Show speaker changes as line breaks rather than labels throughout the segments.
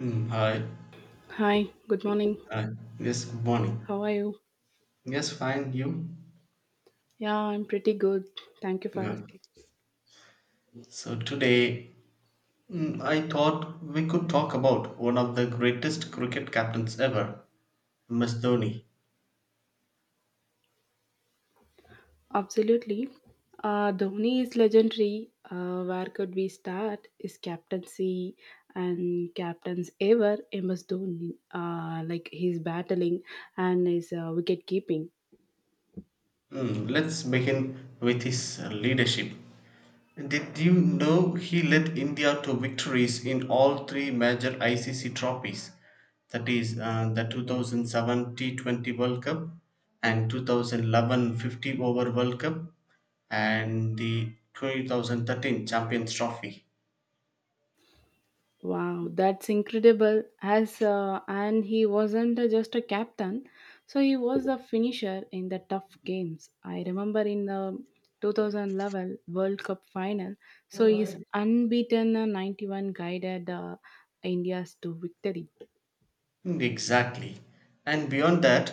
Mm, all right.
Hi, good morning.
All right. Yes, good morning.
How are you?
Yes, fine. You?
Yeah, I'm pretty good. Thank you for
Good.
asking.
So today, I thought we could talk about one of the greatest cricket captains ever, MS Dhoni.
Absolutely. Dhoni is legendary. Where could we start? His captaincy and captains ever, MS Dhoni. Like he's battling and his wicket keeping.
Let's begin with his leadership. Did you know he led India to victories in all three major ICC trophies? That is, the 2007 T20 World Cup and 2011 50 Over World Cup and the 2013 Champions Trophy.
Wow, that's incredible. As and he wasn't just a captain, so he was a finisher in the tough games. I remember in the 2011 World Cup final, so his unbeaten 91 guided India's to victory.
Exactly. And beyond that,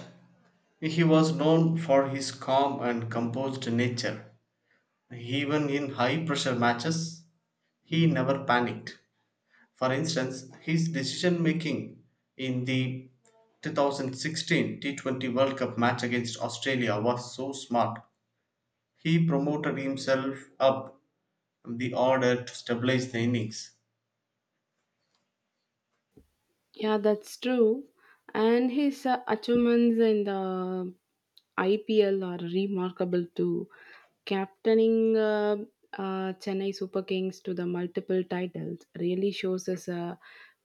he was known for his calm and composed nature. Even in high pressure matches, he never panicked. For instance, his decision making in the 2016 T20 World Cup match against Australia was so smart. He promoted himself up the order to stabilize the innings.
Yeah, that's true. And his achievements in the IPL are remarkable too. Captaining Chennai Super Kings to the multiple titles really shows his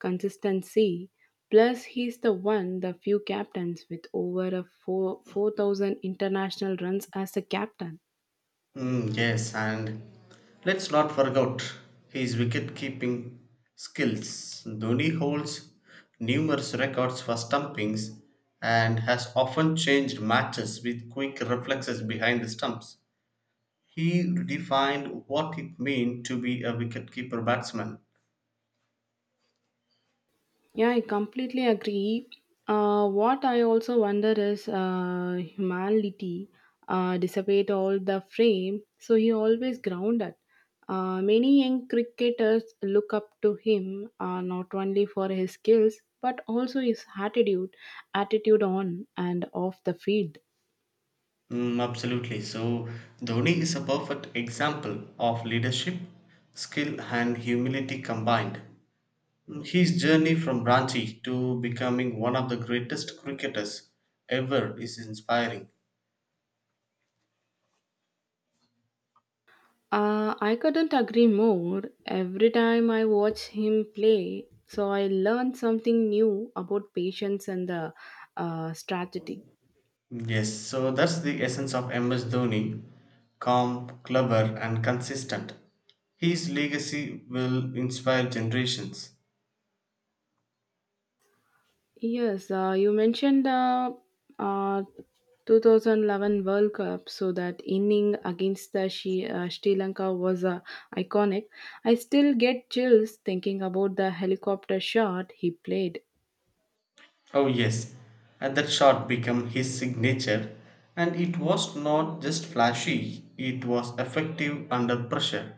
consistency. Plus, he's the few captains with over a four 4,000 international runs as a captain.
Mm, yes, and let's not forget his wicket keeping skills. Dhoni holds numerous records for stumpings and has often changed matches with quick reflexes behind the stumps. He defined what it meant to be a wicketkeeper batsman.
Yeah, I completely agree. What I also wonder is humanity, dissipate all the frame, so he always grounded. Many young cricketers look up to him not only for his skills but also his attitude on and off the field.
Mm, absolutely. So Dhoni is a perfect example of leadership, skill, and humility combined. His journey from Ranchi to becoming one of the greatest cricketers ever is inspiring.
I couldn't agree more. Every time I watch him play, so I learn something new about patience and the strategy.
Yes, so that's the essence of MS Dhoni calm, clever, and consistent. His legacy will inspire generations.
Yes, you mentioned the uh, 2011 World Cup, so that inning against the Sri Lanka was iconic. I still get chills thinking about the helicopter shot he played.
Oh, yes, and that shot became his signature, and it was not just flashy, it was effective under pressure.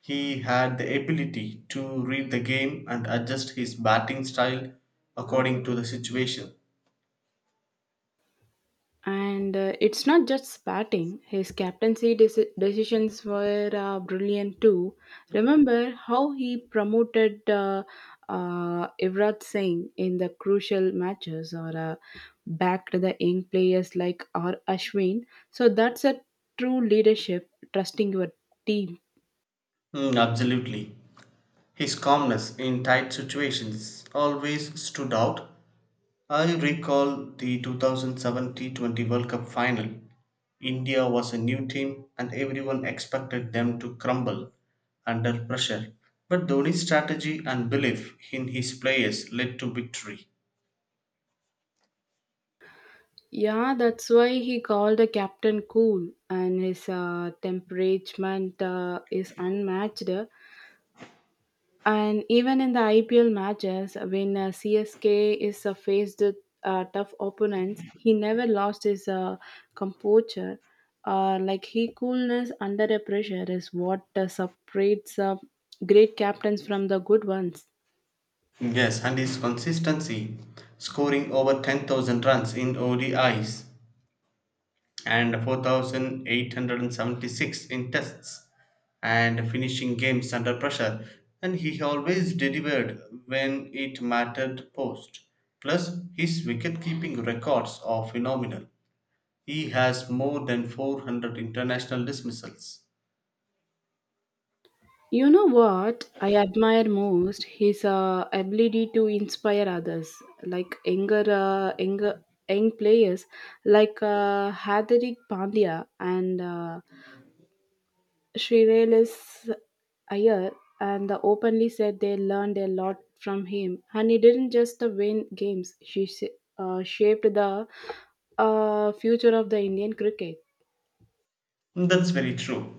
He had the ability to read the game and adjust his batting style according to the situation.
And it's not just spatting, his captaincy decisions were brilliant too. Remember how he promoted Ivrat Singh in the crucial matches or backed the young players like R. Ashwin. So that's a true leadership, trusting your team.
Mm, absolutely. His calmness in tight situations always stood out. I recall the 2007 T20 World Cup final. India was a new team and everyone expected them to crumble under pressure. But Dhoni's strategy and belief in his players led to victory.
Yeah, that's why he called the captain cool, and his temperament is unmatched. And even in the IPL matches, when CSK is faced with tough opponents, he never lost his composure. Like he coolness under a pressure is what separates great captains from the good ones.
Yes, and his consistency, scoring over 10,000 runs in ODIs, and 4876 in tests, and finishing games under pressure, and he always delivered when it mattered. Post plus his wicket-keeping records are phenomenal. He has more than 400 international dismissals.
You know what I admire most? His ability to inspire others, like young players like Hardik Pandya and Shreyas Iyer and the openly said they learned a lot from him. And he didn't just the win games, shaped the future of the Indian cricket.
That's very true.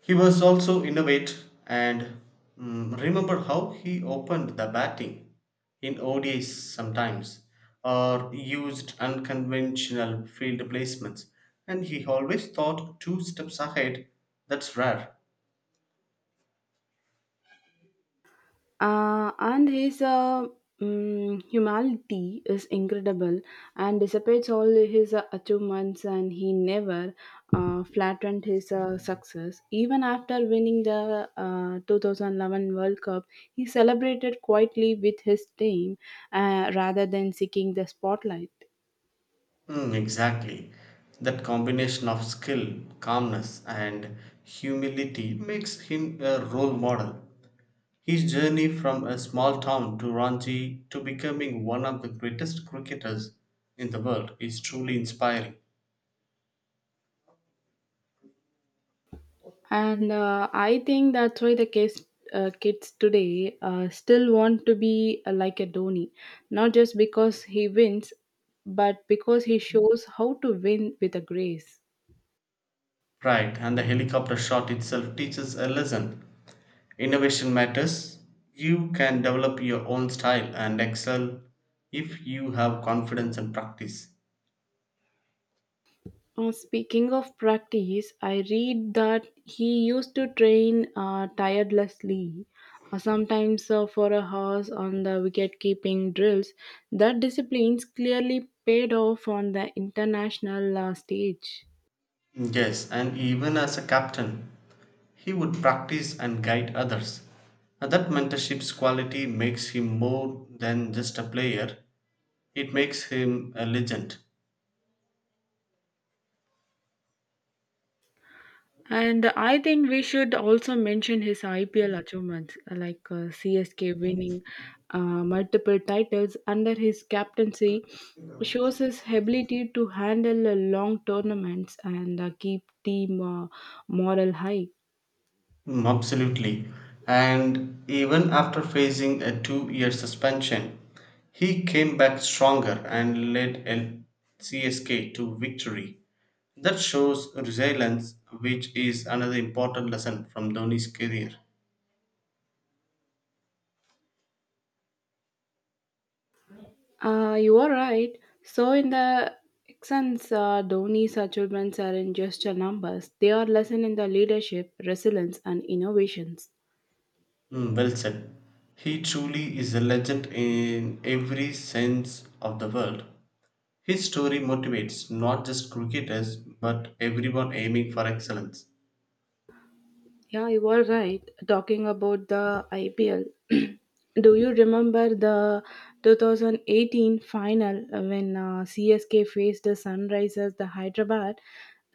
He was also innovate and remember how he opened the batting in ODIs sometimes or used unconventional field placements, and he always thought two steps ahead. That's rare.
And his humanity is incredible and dissipates all his achievements and he never flattened his success even after winning the 2011 World Cup. He celebrated quietly with his team, rather than seeking the spotlight.
Mm, exactly. That combination of skill, calmness, and humility makes him a role model. His journey from a small town to Ranji to becoming one of the greatest cricketers in the world is truly inspiring.
And I think that's why the kids today still want to be like a Dhoni, not just because he wins, but because he shows how to win with a grace.
Right, and the helicopter shot itself teaches a lesson. Innovation matters. You can develop your own style and excel if you have confidence and practice.
Speaking of practice, I read that he used to train tirelessly, sometimes for a hours on the wicket keeping drills. That discipline's clearly paid off on the international stage.
Yes, and even as a captain, he would practice and guide others. And that mentorship's quality makes him more than just a player. It makes him a legend.
And I think we should also mention his IPL achievements like CSK winning multiple titles under his captaincy shows his ability to handle long tournaments and keep team morale high.
Mm, absolutely. And even after facing a 2 year suspension, he came back stronger and led LCSK to victory. That shows resilience, which is another important lesson from Dhoni's career.
You are right. So in the sense, Dhoni's achievements aren't just numbers; they are lesson in the leadership, resilience, and innovations.
Well said. He truly is a legend in every sense of the word. His story motivates not just cricketers but everyone aiming for excellence.
Yeah, you were right. Talking about the IPL, do you remember the 2018 final when CSK faced the Sunrisers, the Hyderabad?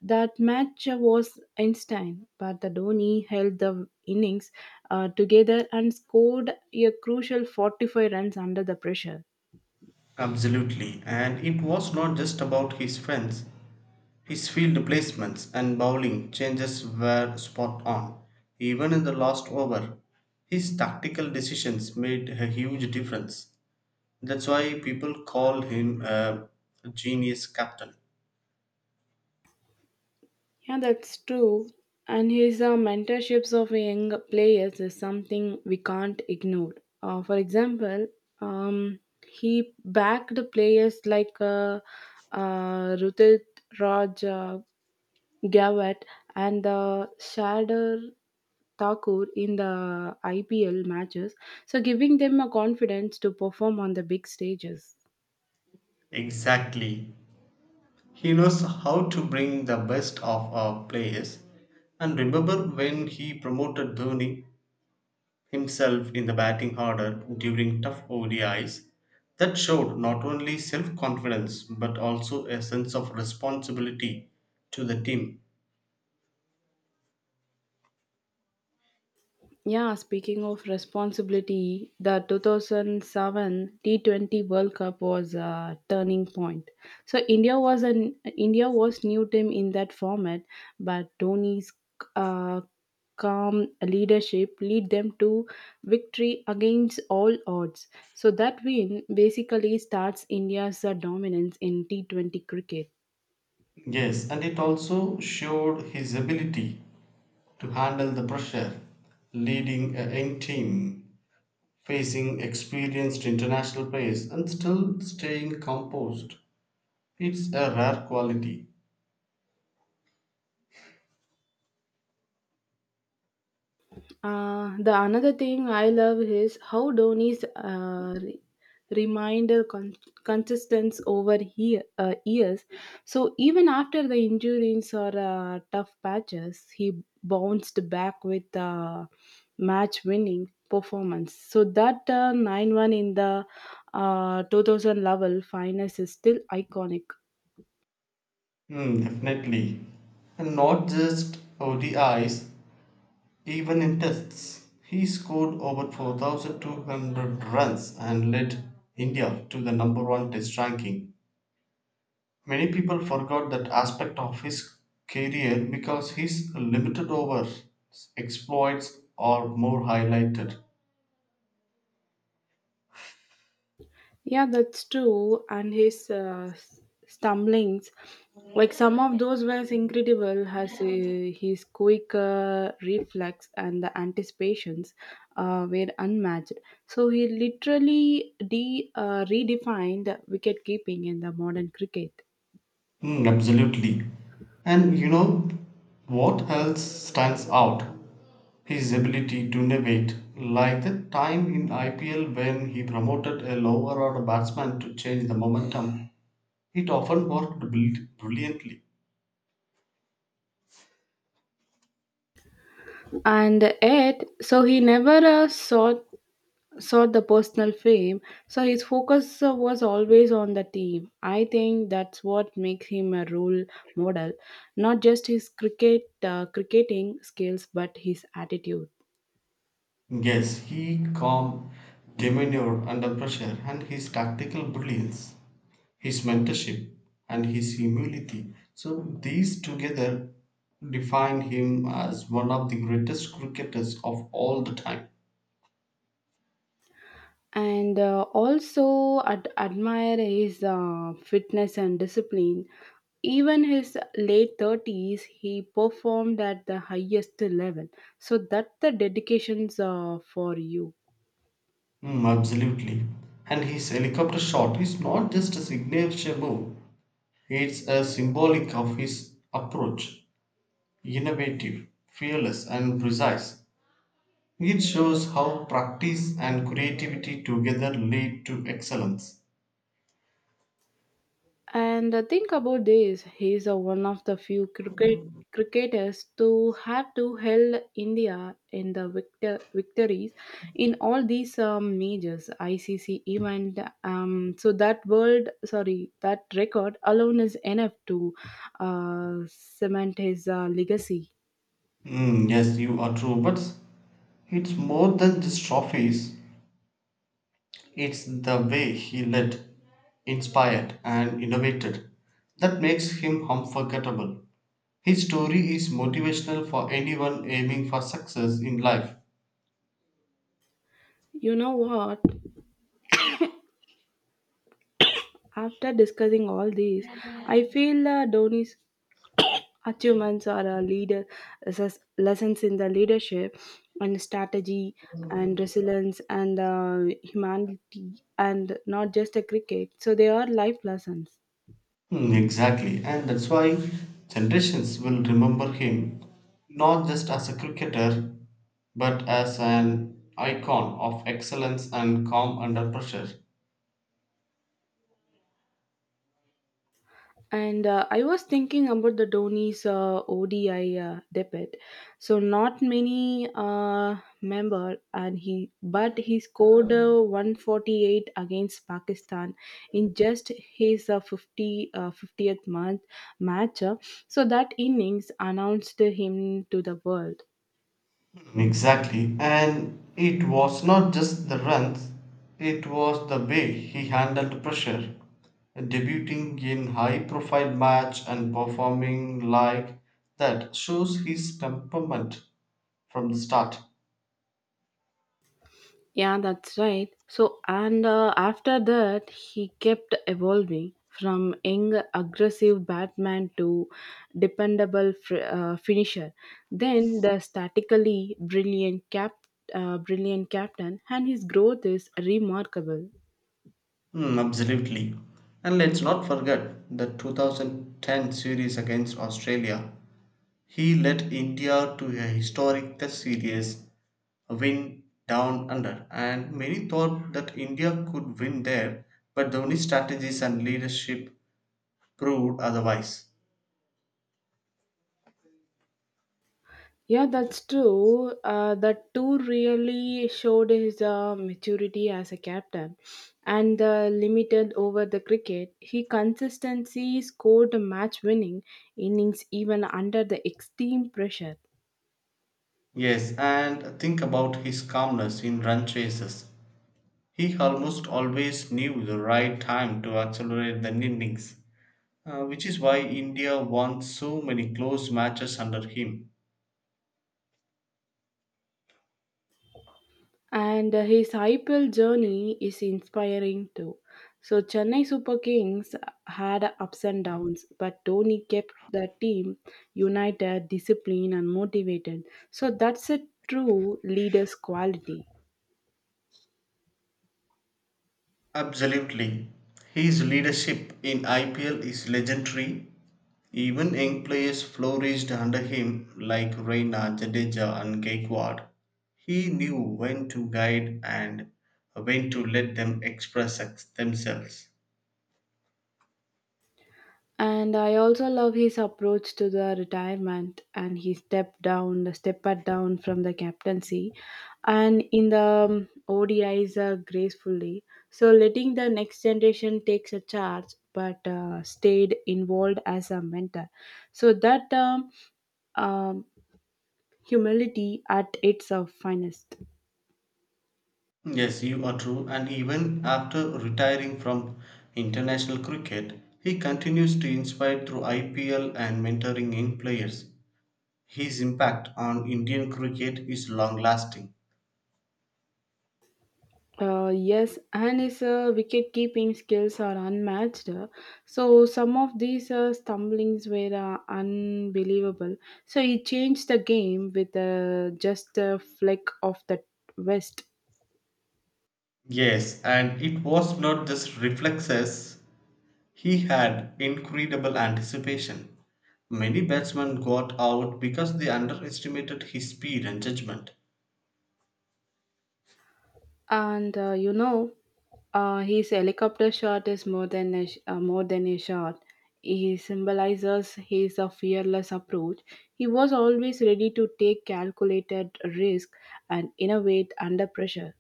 That match was Einstein, but the Dhoni held the innings together and scored a crucial 45 runs under the pressure.
Absolutely, and it was not just about his fence. His field placements and bowling changes were spot on. Even in the last over, his tactical decisions made a huge difference. That's why people call him a genius captain.
Yeah, that's true. And his mentorships of young players is something we can't ignore. For example, um, he backed the players like Rutit Raj Gavat and Shadar Thakur in the IPL matches, so giving them a confidence to perform on the big stages.
Exactly. He knows how to bring the best of our players. And remember when he promoted Dhoni, himself, in the batting order during tough ODIs, that showed not only self confidence but also a sense of responsibility to the team.
Yeah, speaking of responsibility, the 2007 T20 World Cup was a turning point. So India was new team in that format, but Dhoni's uh, calm leadership lead them to victory against all odds. So that win basically starts India's dominance in T20 cricket.
Yes, and it also showed his ability to handle the pressure, leading a young team, facing experienced international players, and still staying composed. It's a rare quality.
The another thing I love is how Dhoni's reminder con- consistence over years. So even after the injuries or tough patches, he bounced back with match-winning performance. So that 9-1 in the 2000 level finals is still iconic.
Hmm, definitely. And not just ODIs, even in tests, he scored over 4,200 runs and led India to the number one test ranking. Many people forgot that aspect of his career because his limited over exploits are more highlighted.
Yeah, that's true. And his stumblings, like some of those were incredible, has his quick reflex and the anticipations were unmatched. So he literally redefined wicket keeping in the modern cricket.
Mm, absolutely. And you know what else stands out? His ability to innovate, like the time in IPL when he promoted a lower order batsman to change the momentum. It often worked brilliantly.
And yet, so he never sought the personal fame, so his focus was always on the team. I think that's what makes him a role model, not just his cricketing skills, but his attitude.
Yes, he calm demeanor under pressure and his tactical brilliance, his mentorship, and his humility. So, these together define him as one of the greatest cricketers of all the time.
And also admire his fitness and discipline. Even his late 30s, he performed at the highest level. So that's the dedications for you.
Mm, absolutely. And his helicopter shot is not just a signature move, it's a symbolic of his approach, innovative, fearless, and precise. It shows how practice and creativity together lead to excellence.
And think about this. He is one of the few cricketers to have to held India in the victories in all these majors ICC event. That record alone is enough to cement his legacy.
Mm, yes, you are true, but it's more than just trophies. It's the way he led, inspired, and innovated that makes him unforgettable. His story is motivational for anyone aiming for success in life.
You know what? After discussing all these, I feel Dhoni's achievements are lessons in the leadership and strategy and resilience and humanity and not just a cricket so they are life lessons.
Hmm, exactly, and that's why generations will remember him not just as a cricketer but as an icon of excellence and calm under pressure.
And I was thinking about the Dhoni's ODI debut. So not many member, and he but he scored 148 against Pakistan in just his uh, 50 uh, 50th month match. So that innings announced him to the world.
Hmm, exactly, and it was not just the runs, it was the way he handled pressure, debuting in high profile match and performing like that shows his temperament from the start.
Yeah, that's right. So, and after that, he kept evolving from young, aggressive Batman to dependable finisher. Then the statically brilliant captain, and his growth is remarkable.
Hmm, absolutely. And let's not forget the 2010 series against Australia. He led India to a historic Test series win down under, and many thought that India could win there, but Dhoni's strategies and leadership proved otherwise.
Yeah, that's true. That tour really showed his maturity as a captain and the limited over the cricket. He consistently scored match winning innings even under the extreme pressure.
Yes, and think about his calmness in run chases. He almost always knew the right time to accelerate the innings, which is why India won so many close matches under him.
And his IPL journey is inspiring too. So, Chennai Super Kings had ups and downs, but Dhoni kept the team united, disciplined, and motivated. So, that's a true leader's quality.
Absolutely. His leadership in IPL is legendary. Even young players flourished under him, like Reina, Jadeja, and Gaikwad. He knew when to guide and when to let them express themselves.
And I also love his approach to the retirement and he stepped down from the captaincy and in the ODIs gracefully. So letting the next generation takes a charge but stayed involved as a mentor. So that um, humility at its finest.
Yes, you are true. And even after retiring from international cricket, he continues to inspire through IPL and mentoring young players. His impact on Indian cricket is long lasting.
Yes, and his wicket keeping skills are unmatched. So, some of these stumblings were unbelievable. So, he changed the game with just a flick of the wrist.
Yes, and it was not just reflexes, he had incredible anticipation. Many batsmen got out because they underestimated his speed and judgment.
And his helicopter shot is more than more than a shot. He symbolizes his fearless approach. He was always ready to take calculated risk and innovate under pressure.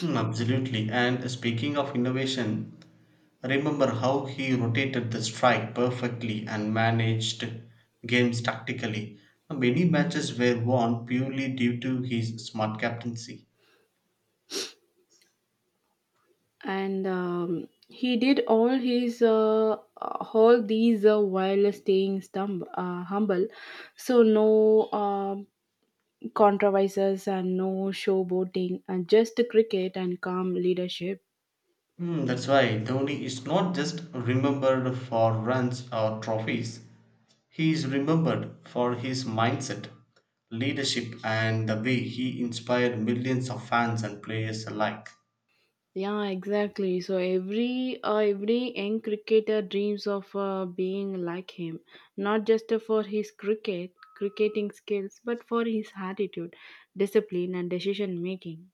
Hmm, absolutely, and speaking of innovation, remember how he rotated the strike perfectly and managed games tactically. Many matches were won purely due to his smart captaincy.
And he did all his all these while staying humble, so no controversies and no showboating and just cricket and calm leadership.
Hmm, that's why Dhoni is not just remembered for runs or trophies. He is remembered for his mindset, leadership, and the way he inspired millions of fans and players alike.
Yeah, exactly, so every young cricketer dreams of being like him, not just for his cricketing skills but for his attitude, discipline, and decision making.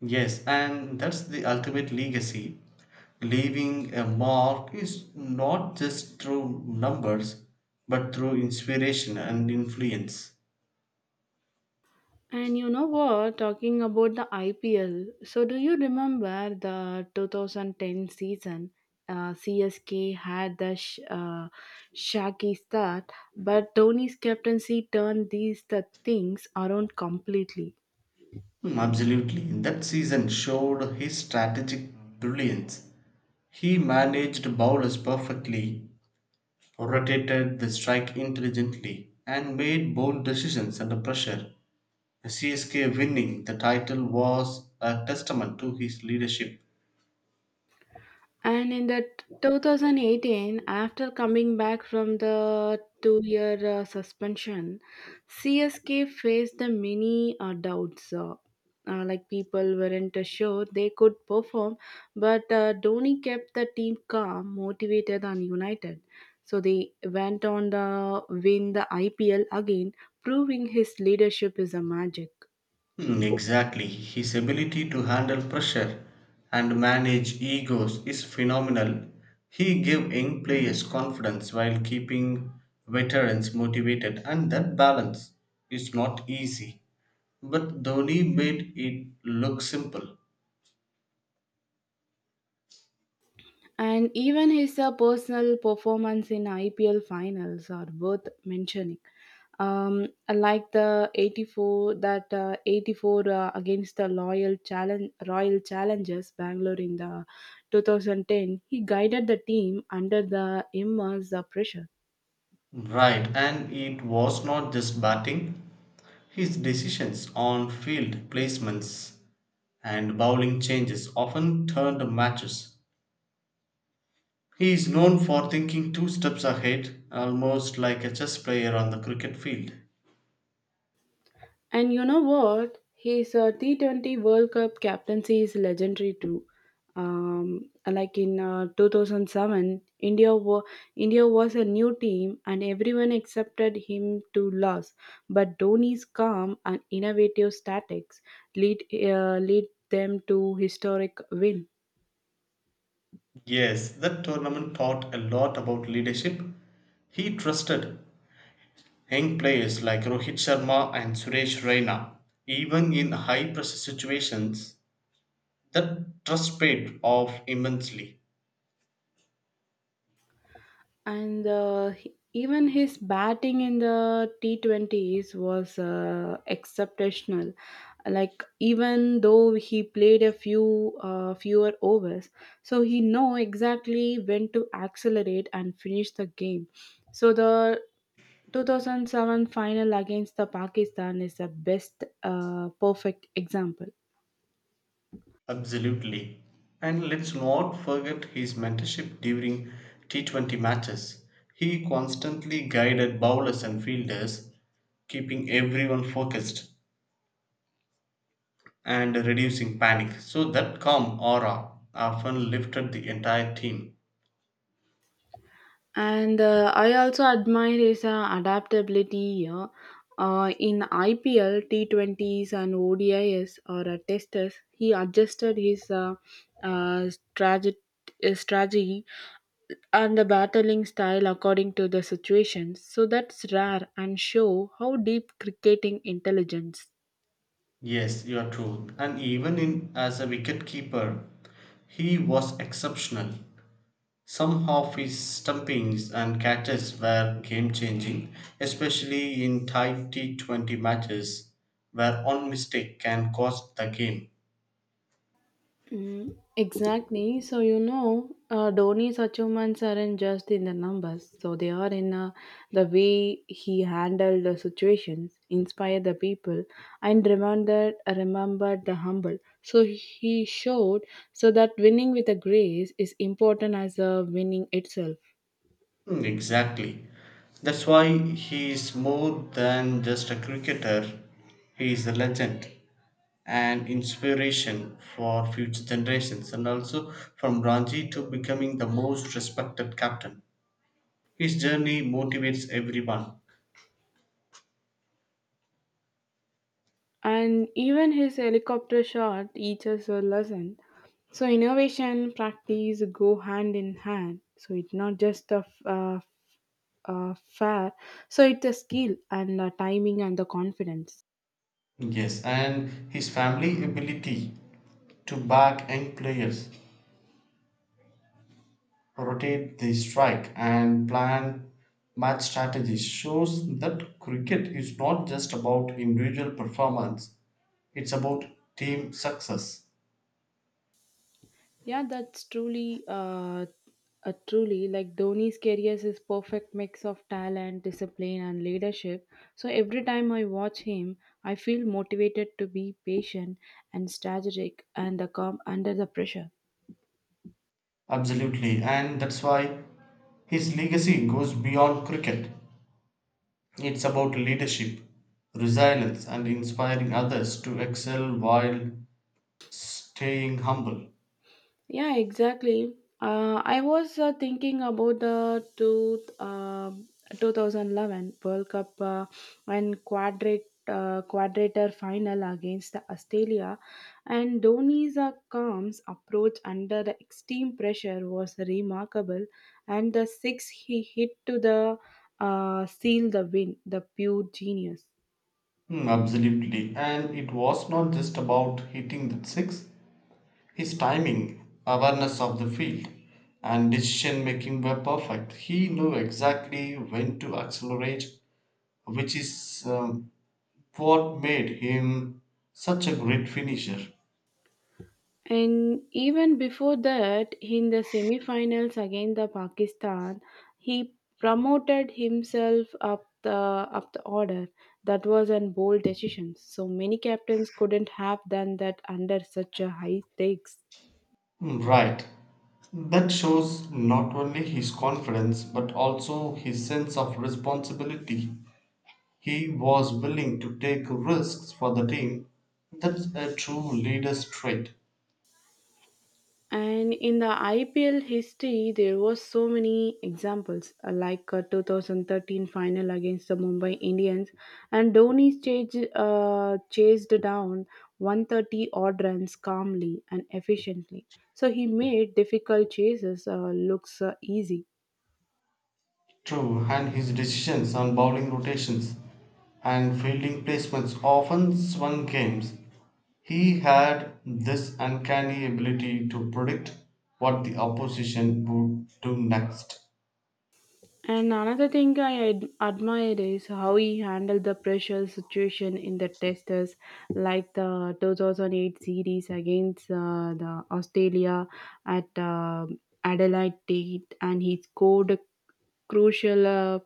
Yes, and that's the ultimate legacy. Leaving a mark is not just through numbers, but through inspiration and influence.
And you know what? Talking about the IPL, so do you remember the 2010 season? CSK had the shaky start, but Tony's captaincy turned these the things around completely.
Hmm, absolutely. That season showed his strategic brilliance. He managed bowlers perfectly, rotated the strike intelligently, and made bold decisions under pressure. CSK winning the title was a testament to his leadership.
And in the 2018, after coming back from the two-year suspension, CSK faced the many doubts. Like people weren't sure they could perform, but Dhoni kept the team calm, motivated, and united. So they went on to win the IPL again, proving his leadership is a magic.
Hmm, exactly. His ability to handle pressure and manage egos is phenomenal. He gave young players confidence while keeping veterans motivated, and that balance is not easy. But Dhoni made it look simple.
And even his personal performance in IPL finals are worth mentioning. um, like the 84 that uh, 84 against the loyal challenge royal challengers Bangalore in the 2010 he guided the team under the immense pressure.
Right, and it was not just batting. His decisions on field placements and bowling changes often turned matches. He is known for thinking two steps ahead, almost like a chess player on the cricket field.
And you know what? His T20 World Cup captaincy is legendary too. Like in 2007, India was a new team and everyone accepted him to lose. But Dhoni's calm and innovative tactics lead them to historic win.
Yes, that tournament taught a lot about leadership. He trusted young players like Rohit Sharma and Suresh Raina. Even in high pressure situations, that trust paid off immensely.
And even his batting in the T20s was exceptional. Like even though he played a few fewer overs, so he know exactly when to accelerate and finish the game, so the 2007 final against the Pakistan is the best perfect example.
Absolutely. And let's not forget his mentorship during T20 matches. He constantly guided bowlers and fielders, keeping everyone focused and reducing panic. So that calm aura often lifted the entire team.
And I also admire his adaptability here, in IPL, T20s, and ODIs or testers, he adjusted his uh, strategy, strategy and the battling style according to the situation. So that's rare and show how deep cricketing intelligence.
Yes, you are true. And even in as a wicket keeper, he was exceptional. Some of his stumpings and catches were game changing, especially in tight T20 matches where one mistake can cost the game.
Mm, exactly. So, you know, Dhoni's achievements aren't just in the numbers. So, they are in the way he handled the situations, inspired the people, and remembered the humble. So, he showed so that winning with a grace is important as winning itself.
Mm, exactly. That's why he is more than just a cricketer, he is a legend and inspiration for future generations, and also from Ranji to becoming the most respected captain. His journey motivates everyone.
And even his helicopter shot teaches a lesson. So innovation, practice go hand in hand. So it's not just a fair. So it's a skill and timing and the confidence.
Yes, and his family ability to back young players, rotate the strike, and plan match strategy shows that cricket is not just about individual performance, it's about team success.
Yeah, that's truly like Dhoni's career is perfect mix of talent, discipline, and leadership. So every time I watch him, I feel motivated to be patient and strategic and calm under the pressure.
Absolutely, and that's why his legacy goes beyond cricket. It's about leadership, resilience, and inspiring others to excel while staying humble.
Yeah, exactly. I was thinking about the 2011 World Cup and quadrat, quadrator final against the Australia, and Dhoni's calm approach under the extreme pressure was remarkable, and the six he hit to the seal the win, the pure genius.
Hmm, absolutely. And it was not just about hitting that six. His timing, awareness of the field, and decision making were perfect. He knew exactly when to accelerate, which is what made him such a great finisher.
And even before that, in the semi-finals against the Pakistan, he promoted himself up the order. That was a bold decision. So many captains couldn't have done that under such a high stakes.
Mm, right. That shows not only his confidence but also his sense of responsibility. He was willing to take risks for the team. That's a true leader's trait.
And in the IPL history, there was so many examples, like 2013 final against the Mumbai Indians, and Dhoni chased down 130 odd runs calmly and efficiently. So he made difficult chases looks easy.
True, and his decisions on bowling rotations and fielding placements often swung games. He had this uncanny ability to predict what the opposition would do next.
And another thing I admire is how he handled the pressure situation in the testers, like the 2008 series against the Australia at Adelaide, Tate, and he scored crucial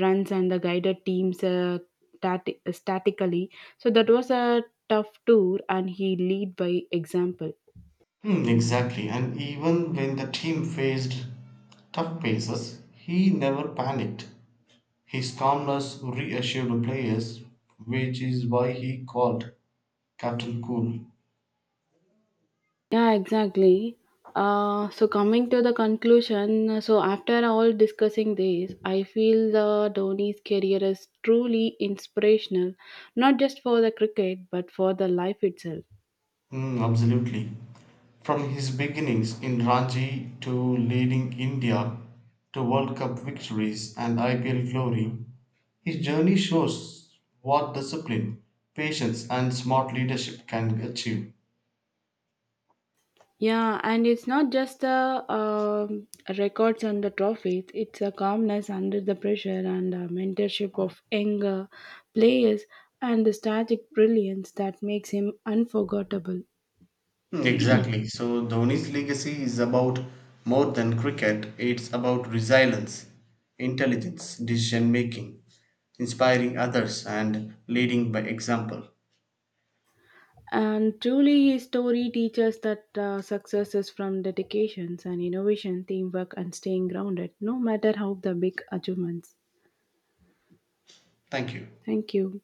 runs and the guided teams statically. So that was a tough tour, and he lead by example.
Hmm, exactly, and even when the team faced tough paces, he never panicked. His calmness reassured the players, which is why he called Captain Cool.
Yeah, exactly. So coming to the conclusion, so after all discussing this, I feel the Dhoni's career is truly inspirational, not just for the cricket but for the life itself.
Mm, absolutely. From his beginnings in Ranji to leading India to World Cup victories and IPL glory, his journey shows what discipline, patience, and smart leadership can achieve.
Yeah, and it's not just the records and the trophies, it's a calmness under the pressure and a mentorship of younger players and the strategic brilliance that makes him unforgettable.
Hmm, exactly. So Dhoni's legacy is about more than cricket. It's about resilience, intelligence, decision making, inspiring others, and leading by example.
And truly, his story teaches that success is from dedications and innovation, teamwork, and staying grounded, no matter how the big achievements.
Thank you.
Thank you.